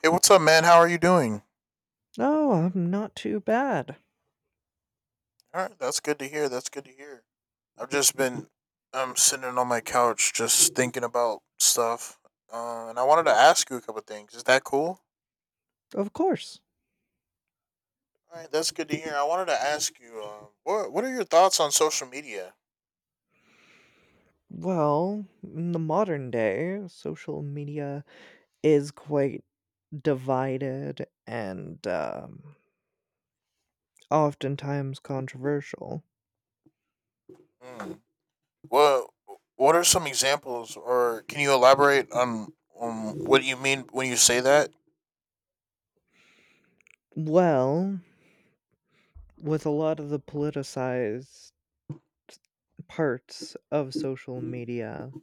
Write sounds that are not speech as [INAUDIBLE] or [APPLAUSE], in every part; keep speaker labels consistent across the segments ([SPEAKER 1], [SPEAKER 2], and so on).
[SPEAKER 1] Hey, what's up, man? How are you doing?
[SPEAKER 2] Oh, I'm not too bad.
[SPEAKER 1] All right, that's good to hear. That's good to hear. I've just been sitting on my couch just thinking about stuff. And I wanted to ask you a couple things. Is that cool?
[SPEAKER 2] Of course.
[SPEAKER 1] All right, that's good to hear. I wanted to ask you, what are your thoughts on social media?
[SPEAKER 2] Well, in the modern day, social media is quite divided and oftentimes controversial.
[SPEAKER 1] Mm. What what are some examples, or can you elaborate on what you mean when you say that?
[SPEAKER 2] Well, with a lot of the politicized parts of
[SPEAKER 1] Hmm.
[SPEAKER 2] social media,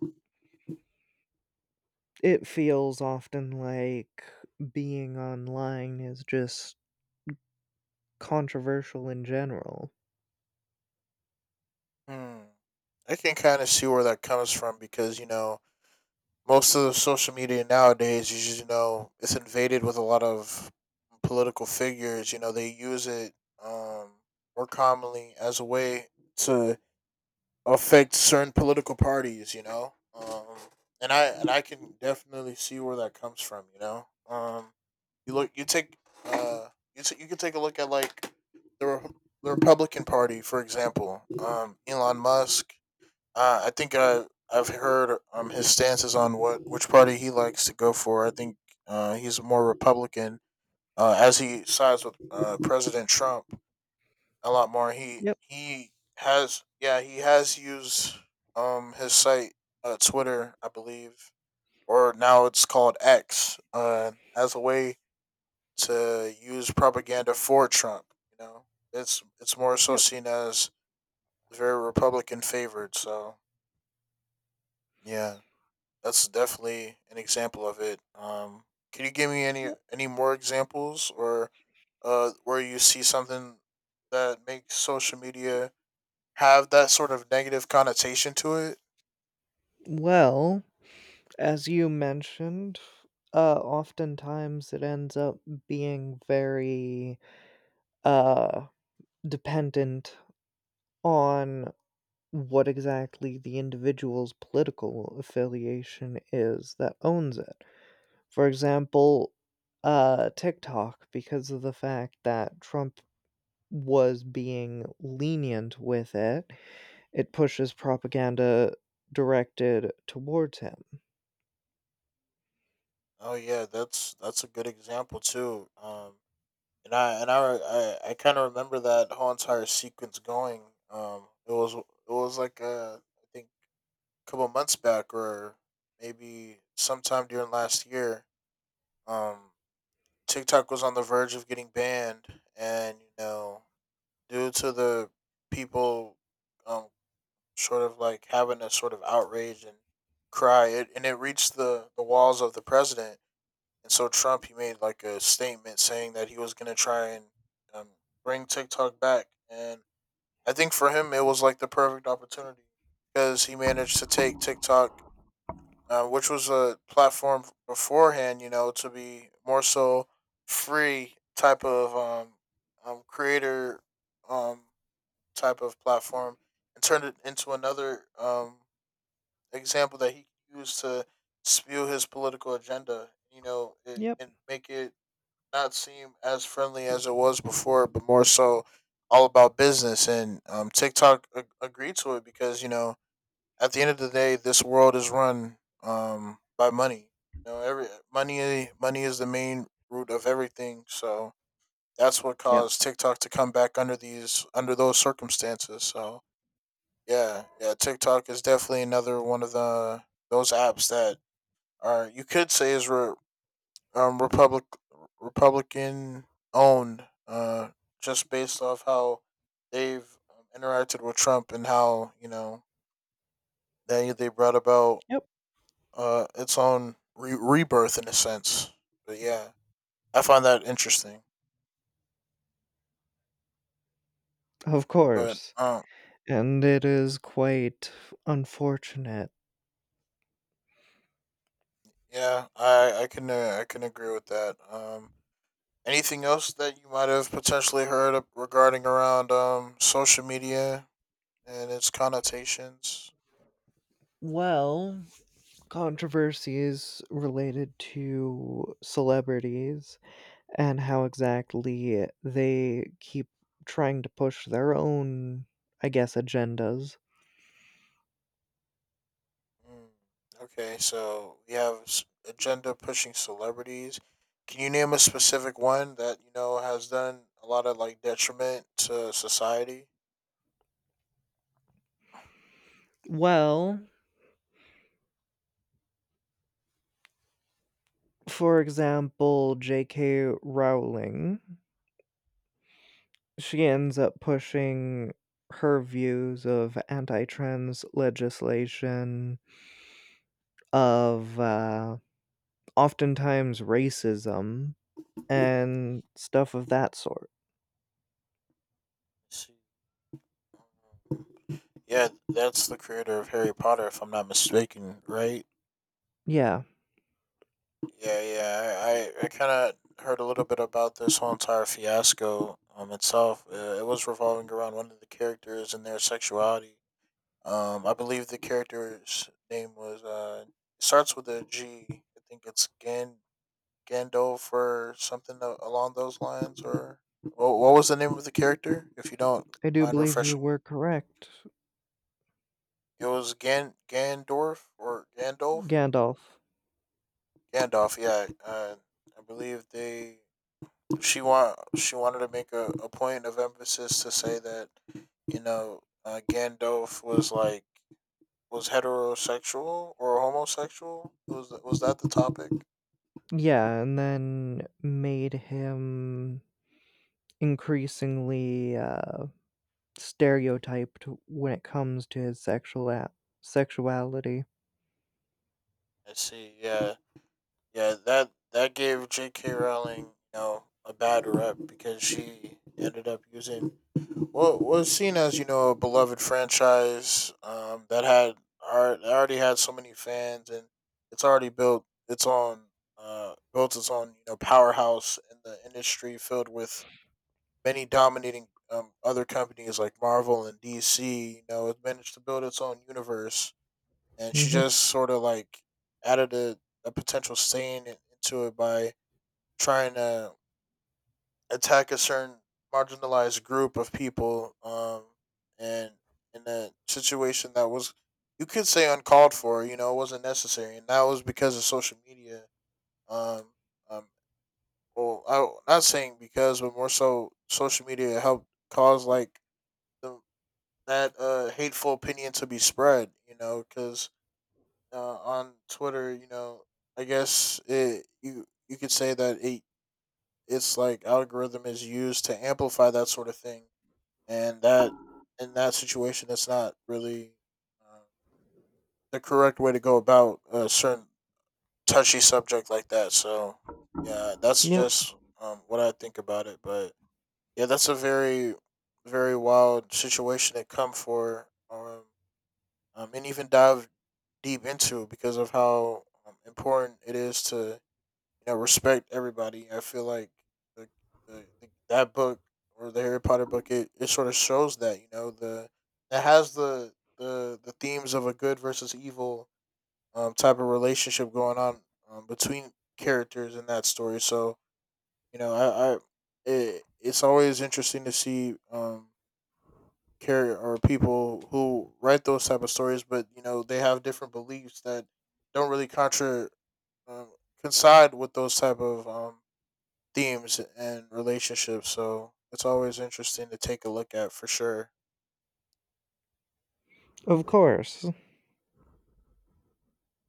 [SPEAKER 2] it feels often like being online is just controversial in general.
[SPEAKER 1] I can kind of see where that comes from because most of the social media nowadays is just, it's invaded with a lot of political figures. They use it um, more commonly as a way to affect certain political parties. And I can definitely see where that comes from, you know. You look, you take, uh, you can take a look at like the Re- the Republican Party, for example. Elon Musk. I think I've heard his stances on what which party he likes to go for. I think he's more Republican. As he sides with President Trump, a lot more. He
[SPEAKER 2] Yep,
[SPEAKER 1] he has, yeah, he has used his site, Twitter I believe, or now it's called X, as a way to use propaganda for Trump. You know it's more so
[SPEAKER 2] yep,
[SPEAKER 1] seen as very Republican favored. So yeah, that's definitely an example of it. Can you give me any
[SPEAKER 2] yep.
[SPEAKER 1] any more examples, or where you see something that makes social media have that sort of negative connotation to it?
[SPEAKER 2] Well, as you mentioned, oftentimes it ends up being very, uh, dependent on what exactly the individual's political affiliation is that owns it. For example, TikTok, because of the fact that Trump was being lenient with it, it pushes propaganda directed towards him.
[SPEAKER 1] Oh yeah, that's a good example too. And I kind of remember that whole entire sequence going. It was like, I think a couple months back, or maybe sometime during last year. Um, TikTok was on the verge of getting banned, and, due to the people um sort of like having a sort of outrage and cry it, and it reached the walls of the president. And so Trump, he made like a statement saying that he was going to try and, um, bring TikTok back. And I think for him it was like the perfect opportunity, because he managed to take TikTok, which was a platform beforehand, to be more so free type of creator um type of platform, and turned it into another example that he can use to spew his political agenda,
[SPEAKER 2] Yep,
[SPEAKER 1] and make it not seem as friendly as it was before, but more so all about business. And TikTok agreed to it because, at the end of the day, this world is run, by money. You know, every money is the main root of everything. So that's what
[SPEAKER 2] yep,
[SPEAKER 1] caused TikTok to come back under these under those circumstances. So yeah, yeah. TikTok is definitely another one of the those apps that are, you could say, is re, republic Republican owned, just based off how they've, interacted with Trump and how they brought about
[SPEAKER 2] yep,
[SPEAKER 1] its own rebirth in a sense. But yeah, I find that interesting.
[SPEAKER 2] of
[SPEAKER 1] But
[SPEAKER 2] course. And it is quite unfortunate.
[SPEAKER 1] yeah, I can agree with that. Anything else that you might have potentially heard of regarding around social media and its connotations?
[SPEAKER 2] Well, controversies related to celebrities and how exactly they keep trying to push their own, I guess, agendas.
[SPEAKER 1] Mm. Okay, so we have agenda pushing celebrities. Can you name a specific one that has done a lot of like detriment to society?
[SPEAKER 2] Well, for example, J.K. Rowling, she ends up pushing her views of anti trans legislation, of, oftentimes racism and stuff of that sort.
[SPEAKER 1] Let's see. Yeah, that's the creator of Harry Potter, if I'm not mistaken, right?
[SPEAKER 2] Yeah,
[SPEAKER 1] Yeah, yeah. I kind of heard a little bit about this whole entire fiasco, itself. It was revolving around one of the characters and their sexuality. I believe the character's name was, it starts with a G. I think it's Gandalf or something along those lines. Or what was the name of the character, if you don't
[SPEAKER 2] I do
[SPEAKER 1] mind
[SPEAKER 2] believe you
[SPEAKER 1] refreshing me?
[SPEAKER 2] were correct.
[SPEAKER 1] It was Gandorf or Gandalf?
[SPEAKER 2] Gandalf.
[SPEAKER 1] Gandalf, yeah. I believe they she want she wanted to make a point of emphasis to say that, Gandalf was heterosexual or homosexual. Was that the topic?
[SPEAKER 2] Yeah, and then made him increasingly stereotyped when it comes to his sexuality.
[SPEAKER 1] I see. Yeah, yeah. That gave J.K. Rowling, a bad rep because she ended up using. Well, was seen as, a beloved franchise, that had already had so many fans, and it's already built its own, powerhouse in the industry, filled with many dominating, other companies like Marvel and DC. It managed to build its own universe, and she
[SPEAKER 2] hmm
[SPEAKER 1] just sort of like added a potential stain into it by trying to attack a certain marginalized group of people, and in a situation that was, you could say, uncalled for, it wasn't necessary, and that was because of social media. Um, um, well I, not saying because but more so social media helped cause like, the, that, hateful opinion to be spread, because, on Twitter, I guess, it you you could say that it's like, algorithm is used to amplify that sort of thing. And that, in that situation, that's not really, uh, the correct way to go about a certain touchy subject like that. So yeah, that's
[SPEAKER 2] Yep,
[SPEAKER 1] just, what I think about it. But yeah, that's a very, very wild situation to come for, and even dive deep into because of how, important it is to, you know, respect everybody. I feel like the, that book, or the Harry Potter book, it sort of shows that, you know the it has the themes of a good versus evil, type of relationship going on, between characters in that story. So, you know, it's always interesting to see character or people who write those type of stories, but they have different beliefs that don't really contra um, coincide with those type of themes and relationships. So it's always interesting to take a look at for sure.
[SPEAKER 2] of course.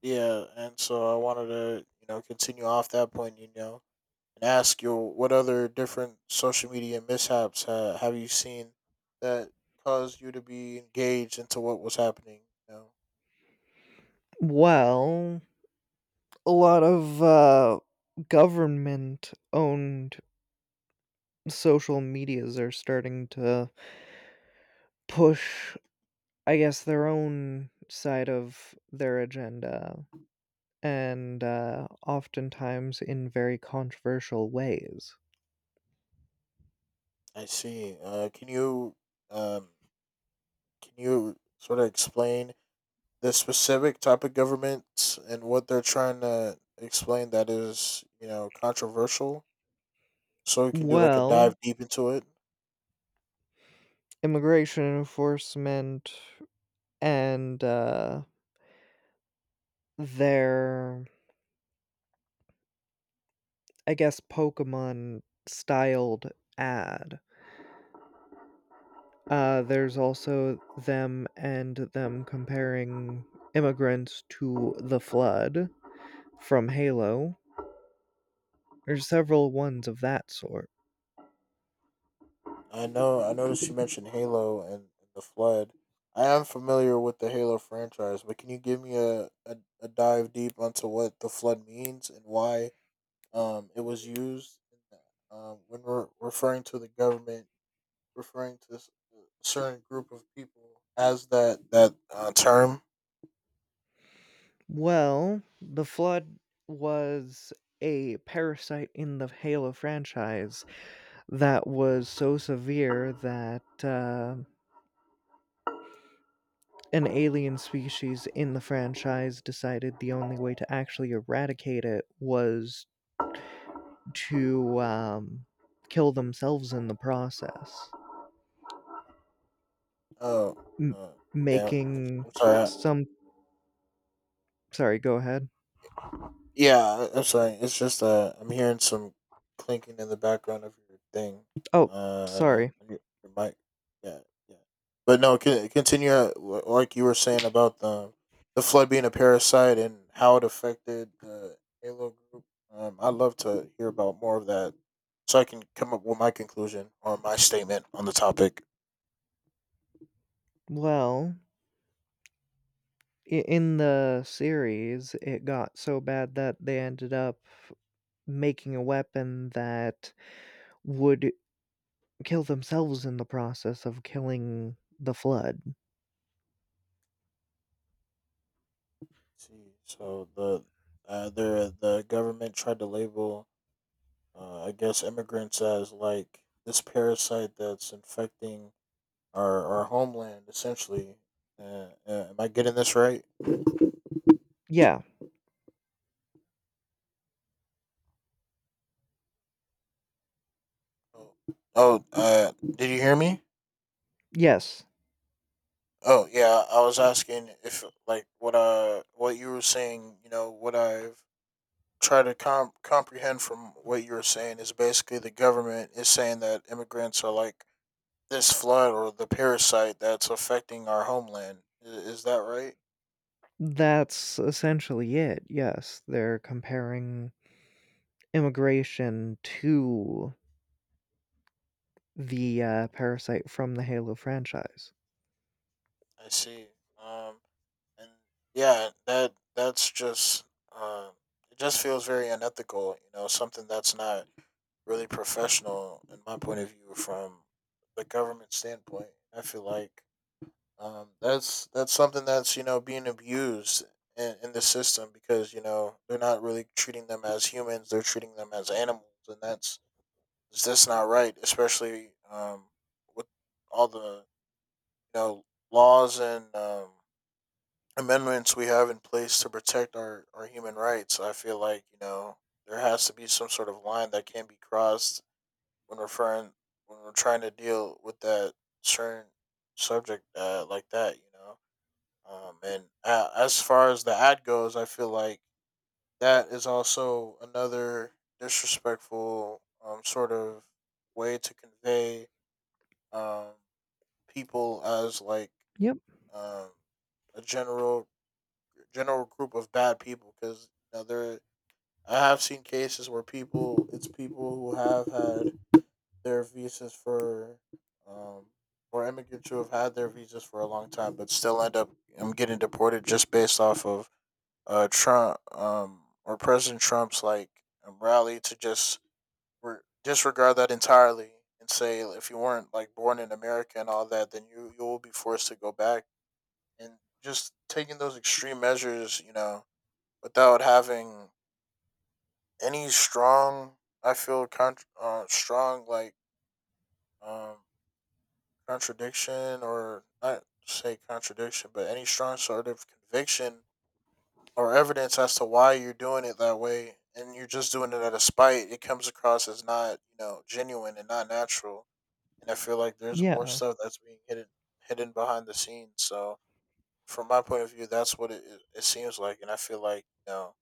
[SPEAKER 1] Yeah, and so I wanted to, continue off that point, and ask you what other different social media mishaps have you seen that caused you to be engaged into what was happening. You know,
[SPEAKER 2] Well, a lot of government-owned social medias are starting to push, I guess, their own side of their agenda, and, oftentimes in very controversial ways.
[SPEAKER 1] I see. Um can you sort of explain the specific type of governments and what they're trying to explain that is, controversial. So we can do like a dive
[SPEAKER 2] Well,
[SPEAKER 1] deep into it.
[SPEAKER 2] immigration enforcement and, their, I guess, Pokemon styled ad. There's also them and them comparing immigrants to the Flood from Halo. There's several ones of that sort.
[SPEAKER 1] I know I noticed you mentioned Halo and the Flood. I am familiar with the Halo franchise, but can you give me a dive deep onto what the Flood means and why it was used when we're referring to the government referring to a certain group of people as that term.
[SPEAKER 2] Well, the Flood was a parasite in the Halo franchise that was so severe that an alien species in the franchise decided the only way to actually eradicate it was to kill themselves in the process,
[SPEAKER 1] Oh,
[SPEAKER 2] M-
[SPEAKER 1] uh, yeah.
[SPEAKER 2] making
[SPEAKER 1] I'm sorry.
[SPEAKER 2] some. Sorry, go ahead.
[SPEAKER 1] Yeah, I'm sorry. It's just, I'm hearing some clinking in the background of your thing.
[SPEAKER 2] Oh,
[SPEAKER 1] Uh,
[SPEAKER 2] sorry.
[SPEAKER 1] on your mic. Yeah, yeah. But no, continue, like you were saying about the Flood being a parasite and how it affected the Halo group. I'd love to hear about more of that, so I can come up with my conclusion or my statement on the topic.
[SPEAKER 2] Well, in the series, it got so bad that they ended up making a weapon that would kill themselves in the process of killing the Flood.
[SPEAKER 1] See, so the government tried to label, I guess, immigrants as like this parasite that's infecting our homeland, essentially. Am I getting this right?
[SPEAKER 2] Yeah,
[SPEAKER 1] Oh, oh, did you hear me?
[SPEAKER 2] yes,
[SPEAKER 1] Oh, yeah. I was asking if like what you were saying. You know what I've tried to comprehend from what you were saying is basically the government is saying that immigrants are like this flood or the parasite that's affecting our homeland. Is that right?
[SPEAKER 2] that's essentially it. Yes, they're comparing immigration to the parasite from the Halo franchise.
[SPEAKER 1] I see. Um, and yeah, that's just, um, it just feels very unethical. Something that's not really professional in my point of view from the government standpoint. I feel like, that's something that's, being abused in the system because they're not really treating them as humans; they're treating them as animals, and that's is this not right? Especially, with all the, you know laws and, amendments we have in place to protect our human rights. I feel like, there has to be some sort of line that can be crossed when referring when we're trying to deal with that certain subject, like that. You know, and as far as the ad goes, I feel like that is also another disrespectful sort of way to convey um, people as like
[SPEAKER 2] Yep,
[SPEAKER 1] um, a general group of bad people because you know there I have seen cases where people it's people who have had their visas for um, or immigrants who have had their visas for a long time but still end up getting deported just based off of Trump, or President Trump's like rally to just re- disregard that entirely and say if you weren't like born in America and all that, then you will be forced to go back. And just taking those extreme measures, you know, without having any strong, I feel contr strong, like, um, contradiction, or not say contradiction, but any strong sort of conviction or evidence as to why you're doing it that way and you're just doing it out of spite. It comes across as not, you know, genuine and not natural, and I feel like there's
[SPEAKER 2] yeah,
[SPEAKER 1] more stuff that's being hidden behind the scenes. So from my point of view, that's what it seems like, and I feel like, you know,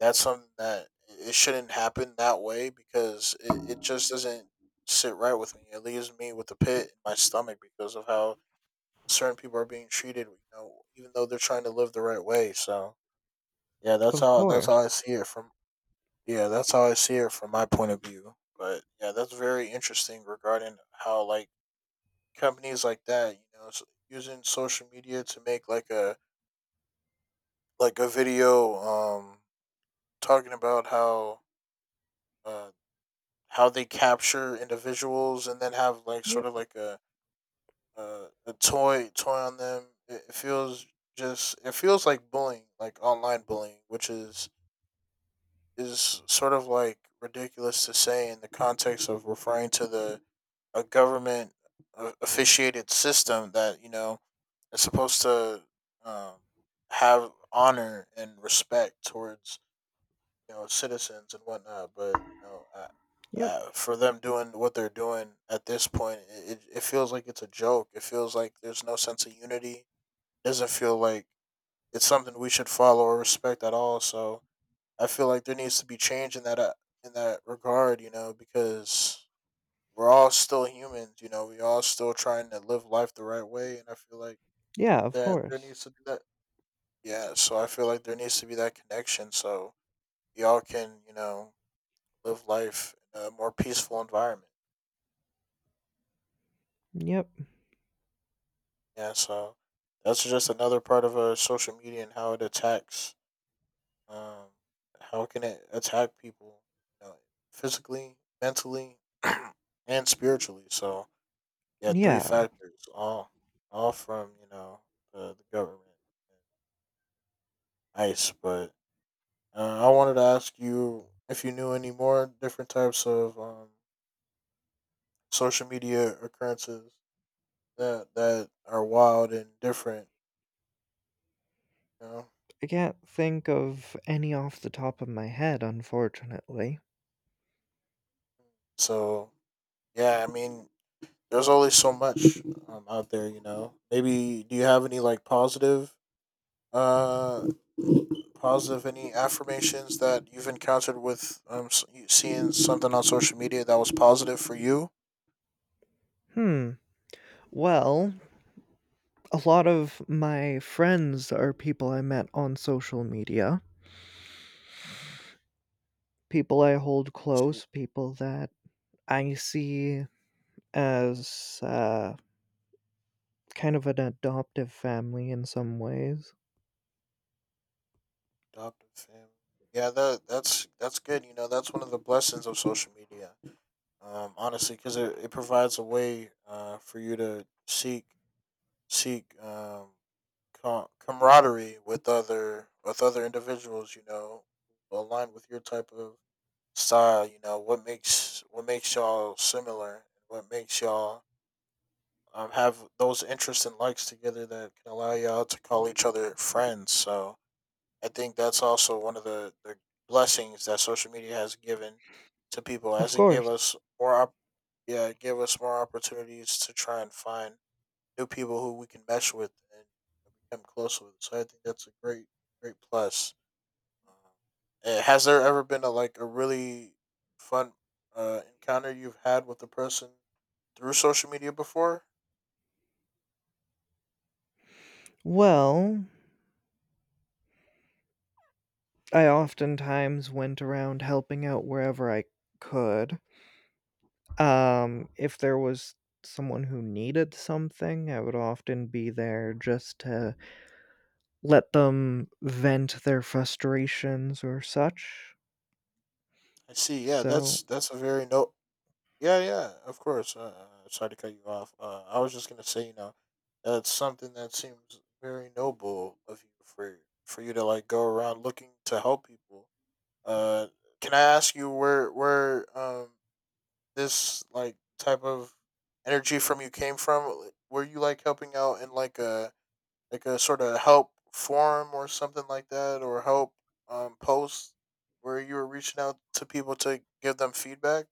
[SPEAKER 1] that's something that it shouldn't happen that way because it just doesn't sit right with me. It leaves me with a pit in my stomach because of how certain people are being treated, you know, even though they're trying to live the right way. So yeah,
[SPEAKER 2] of
[SPEAKER 1] that's how
[SPEAKER 2] course.
[SPEAKER 1] I see it from yeah, that's how I see it from my point of view. But yeah, that's very interesting regarding how, like, companies like that, you know, s using social media to make like a video, um talking about uh how they capture individuals and then have like sort
[SPEAKER 2] Yep,
[SPEAKER 1] of like a a toy on them. It feels like bullying, like online bullying, which is sort of like ridiculous to say in the context of referring to the a government officiated system that, you know, it's supposed to um, have honor and respect towards, you know, citizens and whatnot. But you know, I,
[SPEAKER 2] yep,
[SPEAKER 1] For them doing what they're doing at this point, it feels like it's a joke. It feels like there's no sense of unity. Doesn't feel like it's something we should follow or respect at all. So I feel like there needs to be change in that, in that regard. You know, because we're all still humans. You know, we all still trying to live life the right way, and I feel like
[SPEAKER 2] yeah, of
[SPEAKER 1] that there
[SPEAKER 2] course.
[SPEAKER 1] needs to be that yeah, so I feel like there needs to be that connection, so y'all can, you know, live life in a more peaceful environment.
[SPEAKER 2] Yep,
[SPEAKER 1] Yeah, so that's just another part of social media and how it attacks, um, how can it attack people, you know, physically, mentally, [CLEARS THROAT] and spiritually. So yeah, three
[SPEAKER 2] yeah.
[SPEAKER 1] factors, all from, you know, the government, and ICE. But I wanted to ask you if you knew any more different types of social media occurrences that are wild and different. You know,
[SPEAKER 2] I can't think of any off the top of my head, unfortunately.
[SPEAKER 1] so yeah, I mean, there's only so much out there. You know, maybe do you have any, like, positive, uh, positive any affirmations that you've encountered with you seeing something on social media that was positive for you?
[SPEAKER 2] Hmm, well, a lot of my friends are people I met on social media, people I hold
[SPEAKER 1] See,
[SPEAKER 2] close, people that I see as kind of an adoptive family in some ways.
[SPEAKER 1] adoptive family. Yeah, that's good. You know, that's one of the blessings of social media, honestly, because it provides a way for you to seek, camaraderie with other individuals. You know, aligned with your type of style. You know what makes y'all similar, and what makes y'all have those interests and likes together that can allow y'all to call each other friends. So I think that's also one of the blessings that social media has given to people,
[SPEAKER 2] Of
[SPEAKER 1] as it gave
[SPEAKER 2] course.
[SPEAKER 1] us more yeah, it gave us more opportunities to try and find new people who we can mesh with and become close with. So I think that's a great plus. Um, has there ever been, a, like, a really fun encounter you've had with a person through social media before?
[SPEAKER 2] Well, I oftentimes went around helping out wherever I could. If there was someone who needed something, I would often be there just to let them vent their frustrations or such.
[SPEAKER 1] I see. Yeah,
[SPEAKER 2] So
[SPEAKER 1] that's a very no- Yeah, yeah, of course. Sorry to cut you off. I was just gonna say, you know, that's something that seems very noble of you for you to like go around looking to help people. Uh, can I ask you where this like type of energy from you came from? Were you like helping out in like a sort of help forum or something like that, or help post where you were reaching out to people to give them feedback?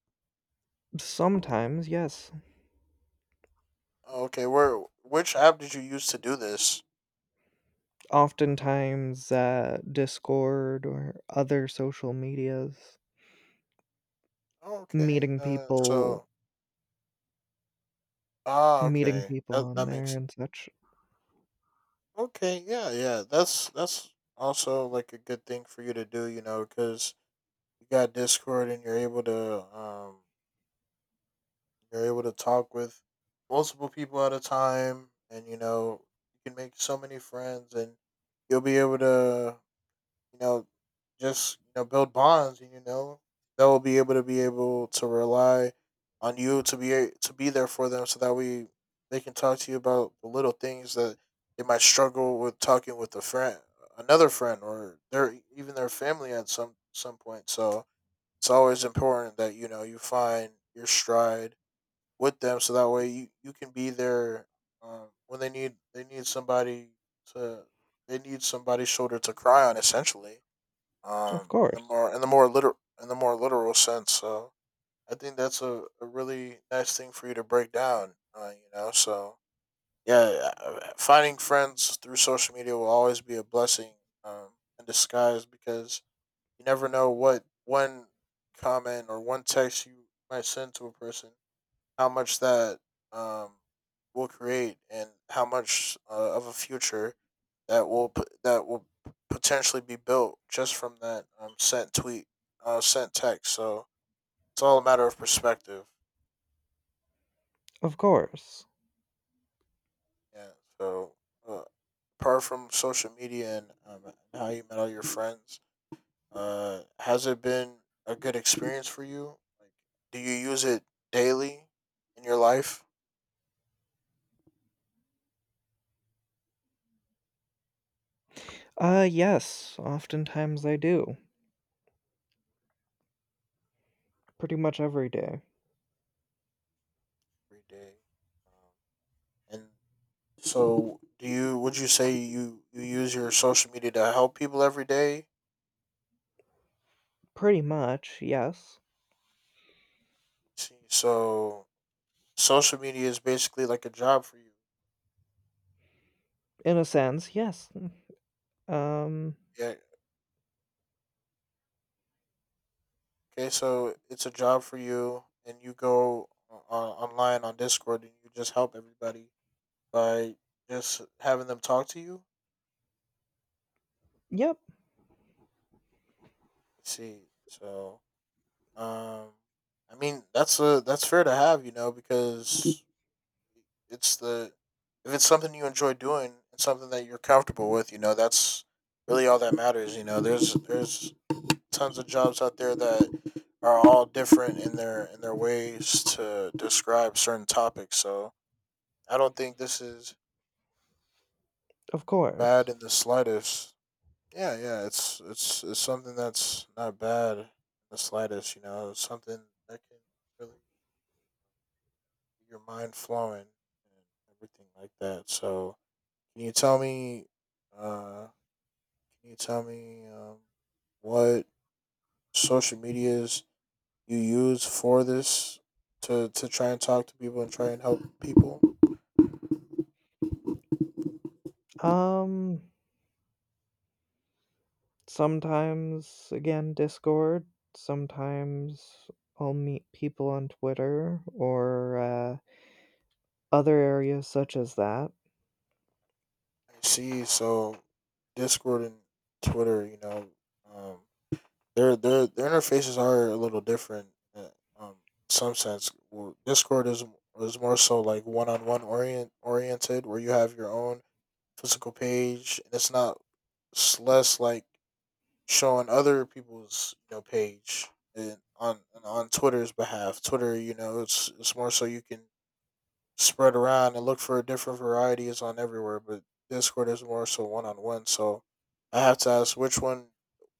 [SPEAKER 2] sometimes, yes.
[SPEAKER 1] Okay, where which app did you use to do this?
[SPEAKER 2] Oftentimes, Discord or other social medias,
[SPEAKER 1] Okay,
[SPEAKER 2] meeting people,
[SPEAKER 1] so
[SPEAKER 2] meeting
[SPEAKER 1] okay,
[SPEAKER 2] people
[SPEAKER 1] that
[SPEAKER 2] on
[SPEAKER 1] that
[SPEAKER 2] there
[SPEAKER 1] makes,
[SPEAKER 2] and such.
[SPEAKER 1] okay, yeah, yeah. That's also like a good thing for you to do, you know, because you got Discord and you're able to talk with multiple people at a time, and, you know, you can make so many friends, and you'll be able to, you know, just, you know, build bonds, and, you know, they'll be able to rely on you to to be there for them, so that we they can talk to you about the little things that they might struggle with talking with a friend, another friend, or their even their family at some point. So it's always important that, you know, you find your stride with them, so that way you can be there, when to they need somebody's shoulder to cry on, essentially,
[SPEAKER 2] Of course,
[SPEAKER 1] in the more literal sense. So I think that's a really nice thing for you to break down. You know, so yeah, finding friends through social media will always be a blessing, um, in disguise, because you never know what one comment or one text you might send to a person, how much that um will create, and how much, of a future that will potentially be built just from that, sent tweet, sent text. So it's all a matter of perspective.
[SPEAKER 2] of course.
[SPEAKER 1] Yeah. So uh, apart from social media and, how you met all your friends, has it been a good experience for you? Like, do you use it daily in your life?
[SPEAKER 2] Yes. Oftentimes, I do. Pretty much every day.
[SPEAKER 1] Every day. Um, and So, do you would you say you use your social media to help people every day?
[SPEAKER 2] Pretty much, yes.
[SPEAKER 1] See, so social media is basically like a job for you.
[SPEAKER 2] In a sense, yes. Um,
[SPEAKER 1] Yeah. Okay, so it's a job for you, and you go on, online on Discord, and you just help everybody by just having them talk to you.
[SPEAKER 2] yep.
[SPEAKER 1] See, so, um, I mean that's a that's fair to have, you know, because it's the if it's something you enjoy doing and something that you're comfortable with, you know, that's really all that matters. You know, there's tons of jobs out there that are all different in their ways to describe certain topics. So I don't think this is
[SPEAKER 2] Of
[SPEAKER 1] bad
[SPEAKER 2] course.
[SPEAKER 1] in the slightest. Yeah, yeah, it's something that's not bad in the slightest. You know, it's something that can really get your mind flowing and everything like that. So, can you tell me? Uh, can you tell me, what social medias you use for this to try and talk to people and try and help people?
[SPEAKER 2] Um, Sometimes, again, Discord. Sometimes I'll meet people on Twitter or other areas such as that.
[SPEAKER 1] I see. So Discord and Twitter, you know, um, their interfaces are a little different. Uh, um, some sense, well, Discord is more so like one on one, oriented, where you have your own physical page, and it's not it's less like showing other people's, you know, page, and on Twitter's behalf. Twitter, you know, it's more so you can spread around and look for different varieties on everywhere, but Discord is more so one on one. So I have to ask, which one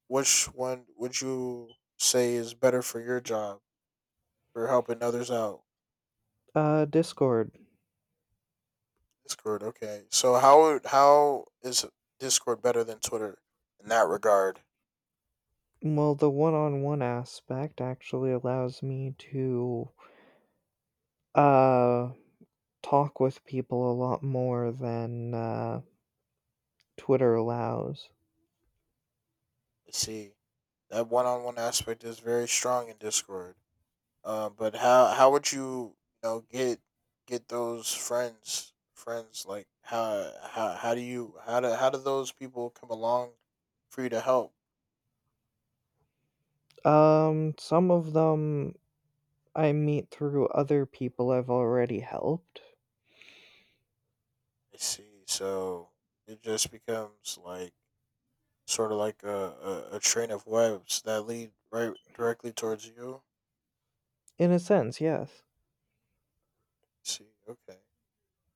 [SPEAKER 1] would you say is better for your job for helping others out?
[SPEAKER 2] Discord.
[SPEAKER 1] Discord, okay. So how is Discord better than Twitter in that regard?
[SPEAKER 2] Well, the one on one aspect actually allows me to uh, talk with people a lot more than Twitter allows.
[SPEAKER 1] I see. That one on one aspect is very strong in Discord. But how would you, you know, get those friends, like, how do you how do those people come along for you to help?
[SPEAKER 2] Some of them I meet through other people I've already helped.
[SPEAKER 1] I see. So it just becomes like sort of like a train of webs that lead right directly towards you.
[SPEAKER 2] In a sense, yes.
[SPEAKER 1] I see. Okay.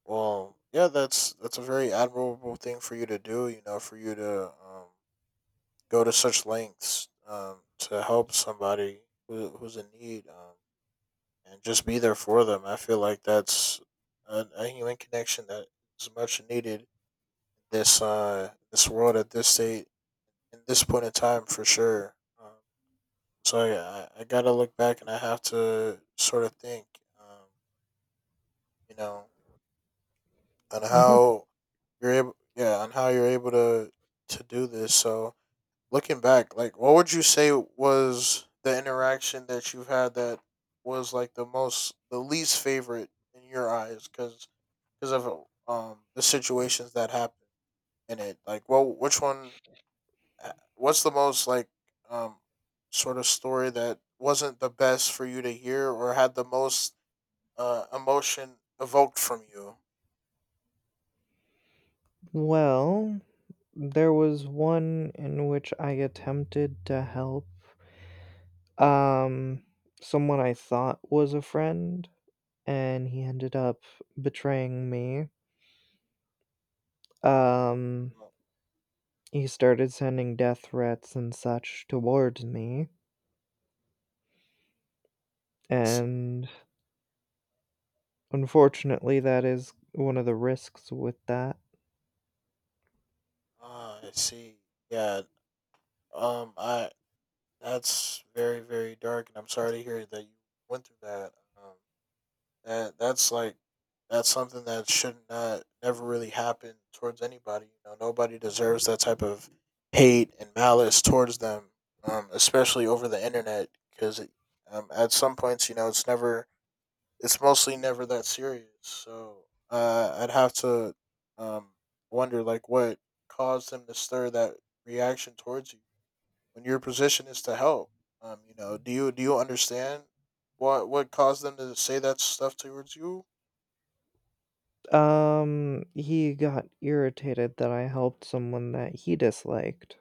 [SPEAKER 1] Well, yeah, that's a very admirable thing for you to do. You know, for you to go to such lengths to help somebody who's in need. And just be there for them. I feel like that's a human connection that is much needed in this this world at this state in this point in time for sure. Um, so yeah, I gotta look back and I have to sort of think, um, you know, on
[SPEAKER 2] hmm
[SPEAKER 1] how you're able, yeah, on how you're able to do this. So looking back, like, what would you say was the interaction that you've had that was like the least favorite in your eyes? Because of the situations that happen in it. Like, well, which one? What's the most like um sort of story that wasn't the best for you to hear or had the most emotion evoked from you?
[SPEAKER 2] Well, there was one in which I attempted to help, um, someone I thought was a friend, and he ended up betraying me. Um,
[SPEAKER 1] Let me
[SPEAKER 2] he started sending death threats and such towards me,
[SPEAKER 1] see,
[SPEAKER 2] and unfortunately, that is one of the risks with that.
[SPEAKER 1] I see. Yeah. I That's very dark, and I'm sorry to hear that you went through that. That's that's something that should not never really happen towards anybody. You know, nobody deserves that type of hate and malice towards them, especially over the internet. Because at some points, you know, it's mostly never that serious. So I'd have to um, wonder, like, what caused them to stir that reaction towards you when your position is to help. You know, do you understand what caused them to say that stuff towards you?
[SPEAKER 2] He got irritated that I helped someone that he disliked.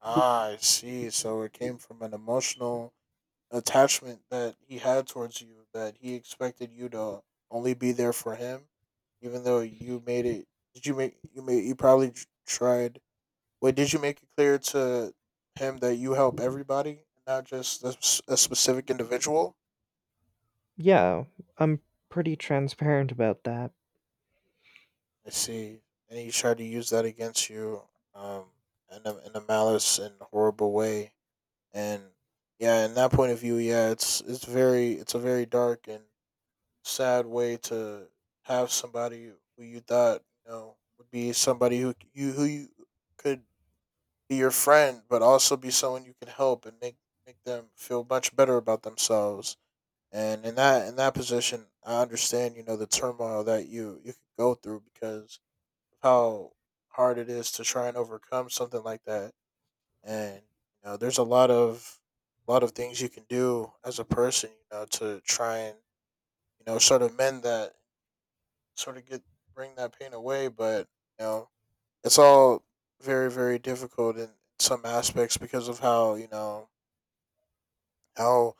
[SPEAKER 1] Ah, I see. So it came from an emotional attachment that he had towards you, that he expected you to only be there for him, even though you made it. Did you make you made you probably tr- Tried? Wait, did you make it clear to him that you help everybody, not just a specific individual?
[SPEAKER 2] Yeah, I'm pretty transparent about that.
[SPEAKER 1] I see. And he tried to use that against you, um, in a malice and horrible way, and yeah, in that point of view, yeah, it's very it's a very dark and sad way to have somebody who you thought, you know, would be somebody who you could be your friend, but also be someone you can help and make them feel much better about themselves. And in that position, I understand, you know, the turmoil that you could go through because of how hard it is to try and overcome something like that. And you know, there's a lot of things you can do as a person, you know, to try and you know sort of mend that, sort of get, bring that pain away, but you know, it's all very difficult in some aspects because of how, you know, how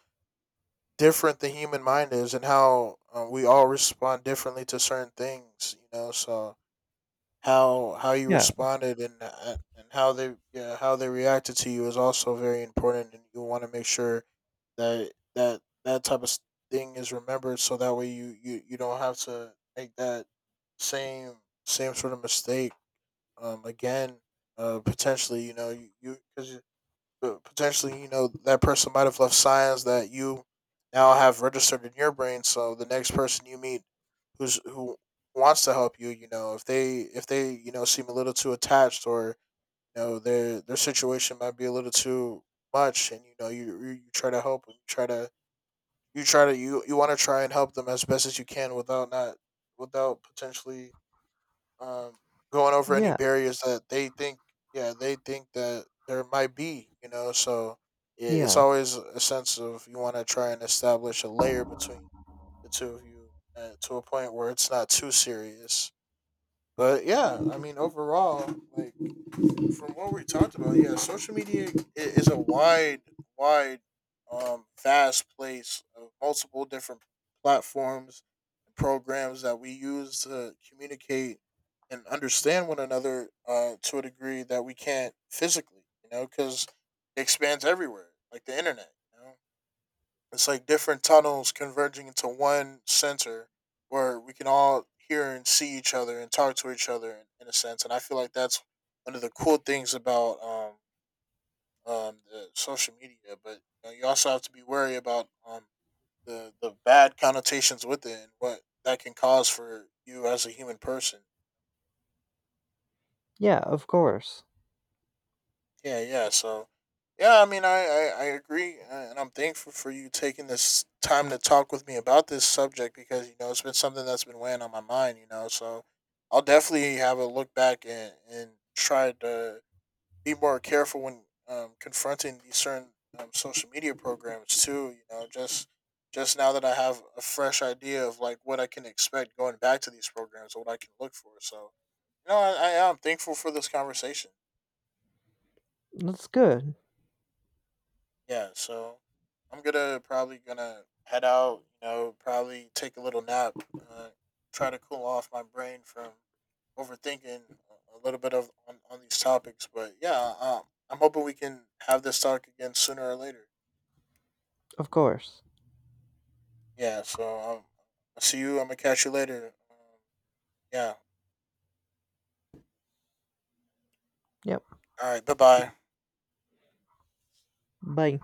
[SPEAKER 1] different the human mind is and how we all respond differently to certain things. You know, so how you
[SPEAKER 2] Yeah,
[SPEAKER 1] responded and how they, yeah, how they reacted to you is also very important, and you want to make sure that type of thing is remembered, so that way you don't have to make that same same sort of mistake again, potentially, you know, you- potentially, you know, that person might have left signs that you now have registered in your brain. So the next person you meet who wants to help you, you know, if they you know seem a little too attached or you know their situation might be a little too much, and you know you try to help and try to you want to try and help them as best as you can without not without potentially um, going over any
[SPEAKER 2] yeah,
[SPEAKER 1] barriers that they think, yeah, they think that there might be, you know. So it's
[SPEAKER 2] yeah,
[SPEAKER 1] always a sense of you want to try and establish a layer between the two of you to a point where it's not too serious. But yeah, I mean, overall, like from what we talked about, yeah, social media is a wide, wide, vast place of multiple different platforms and programs that we use to communicate and understand one another to a degree that we can't physically, you know, because it expands everywhere, like the internet. You know? It's like different tunnels converging into one center where we can all hear and see each other and talk to each other in a sense. And I feel like that's one of the cool things about the social media. But you, know, you also have to be wary about the bad connotations with it and what that can cause for you as a human person.
[SPEAKER 2] yeah, of course.
[SPEAKER 1] Yeah, yeah. So, yeah, I mean, I agree. And I'm thankful for you taking this time to talk with me about this subject because, you know, it's been something that's been weighing on my mind, you know. So I'll definitely have a look back and try to be more careful when confronting these certain social media programs, too, you know, Just now that I have a fresh idea of like what I can expect going back to these programs and what I can look for, so you know I am thankful for this conversation.
[SPEAKER 2] That's good,
[SPEAKER 1] Yeah, so I'm gonna head out. You know, probably take a little nap, uh, try to cool off my brain from overthinking a little bit of on these topics. But yeah, I'm hoping we can have this talk again sooner or later.
[SPEAKER 2] of course.
[SPEAKER 1] Yeah, so I'll see you. I'm gonna catch you later. Yeah.
[SPEAKER 2] Yep.
[SPEAKER 1] All right. Bye bye.
[SPEAKER 2] Bye.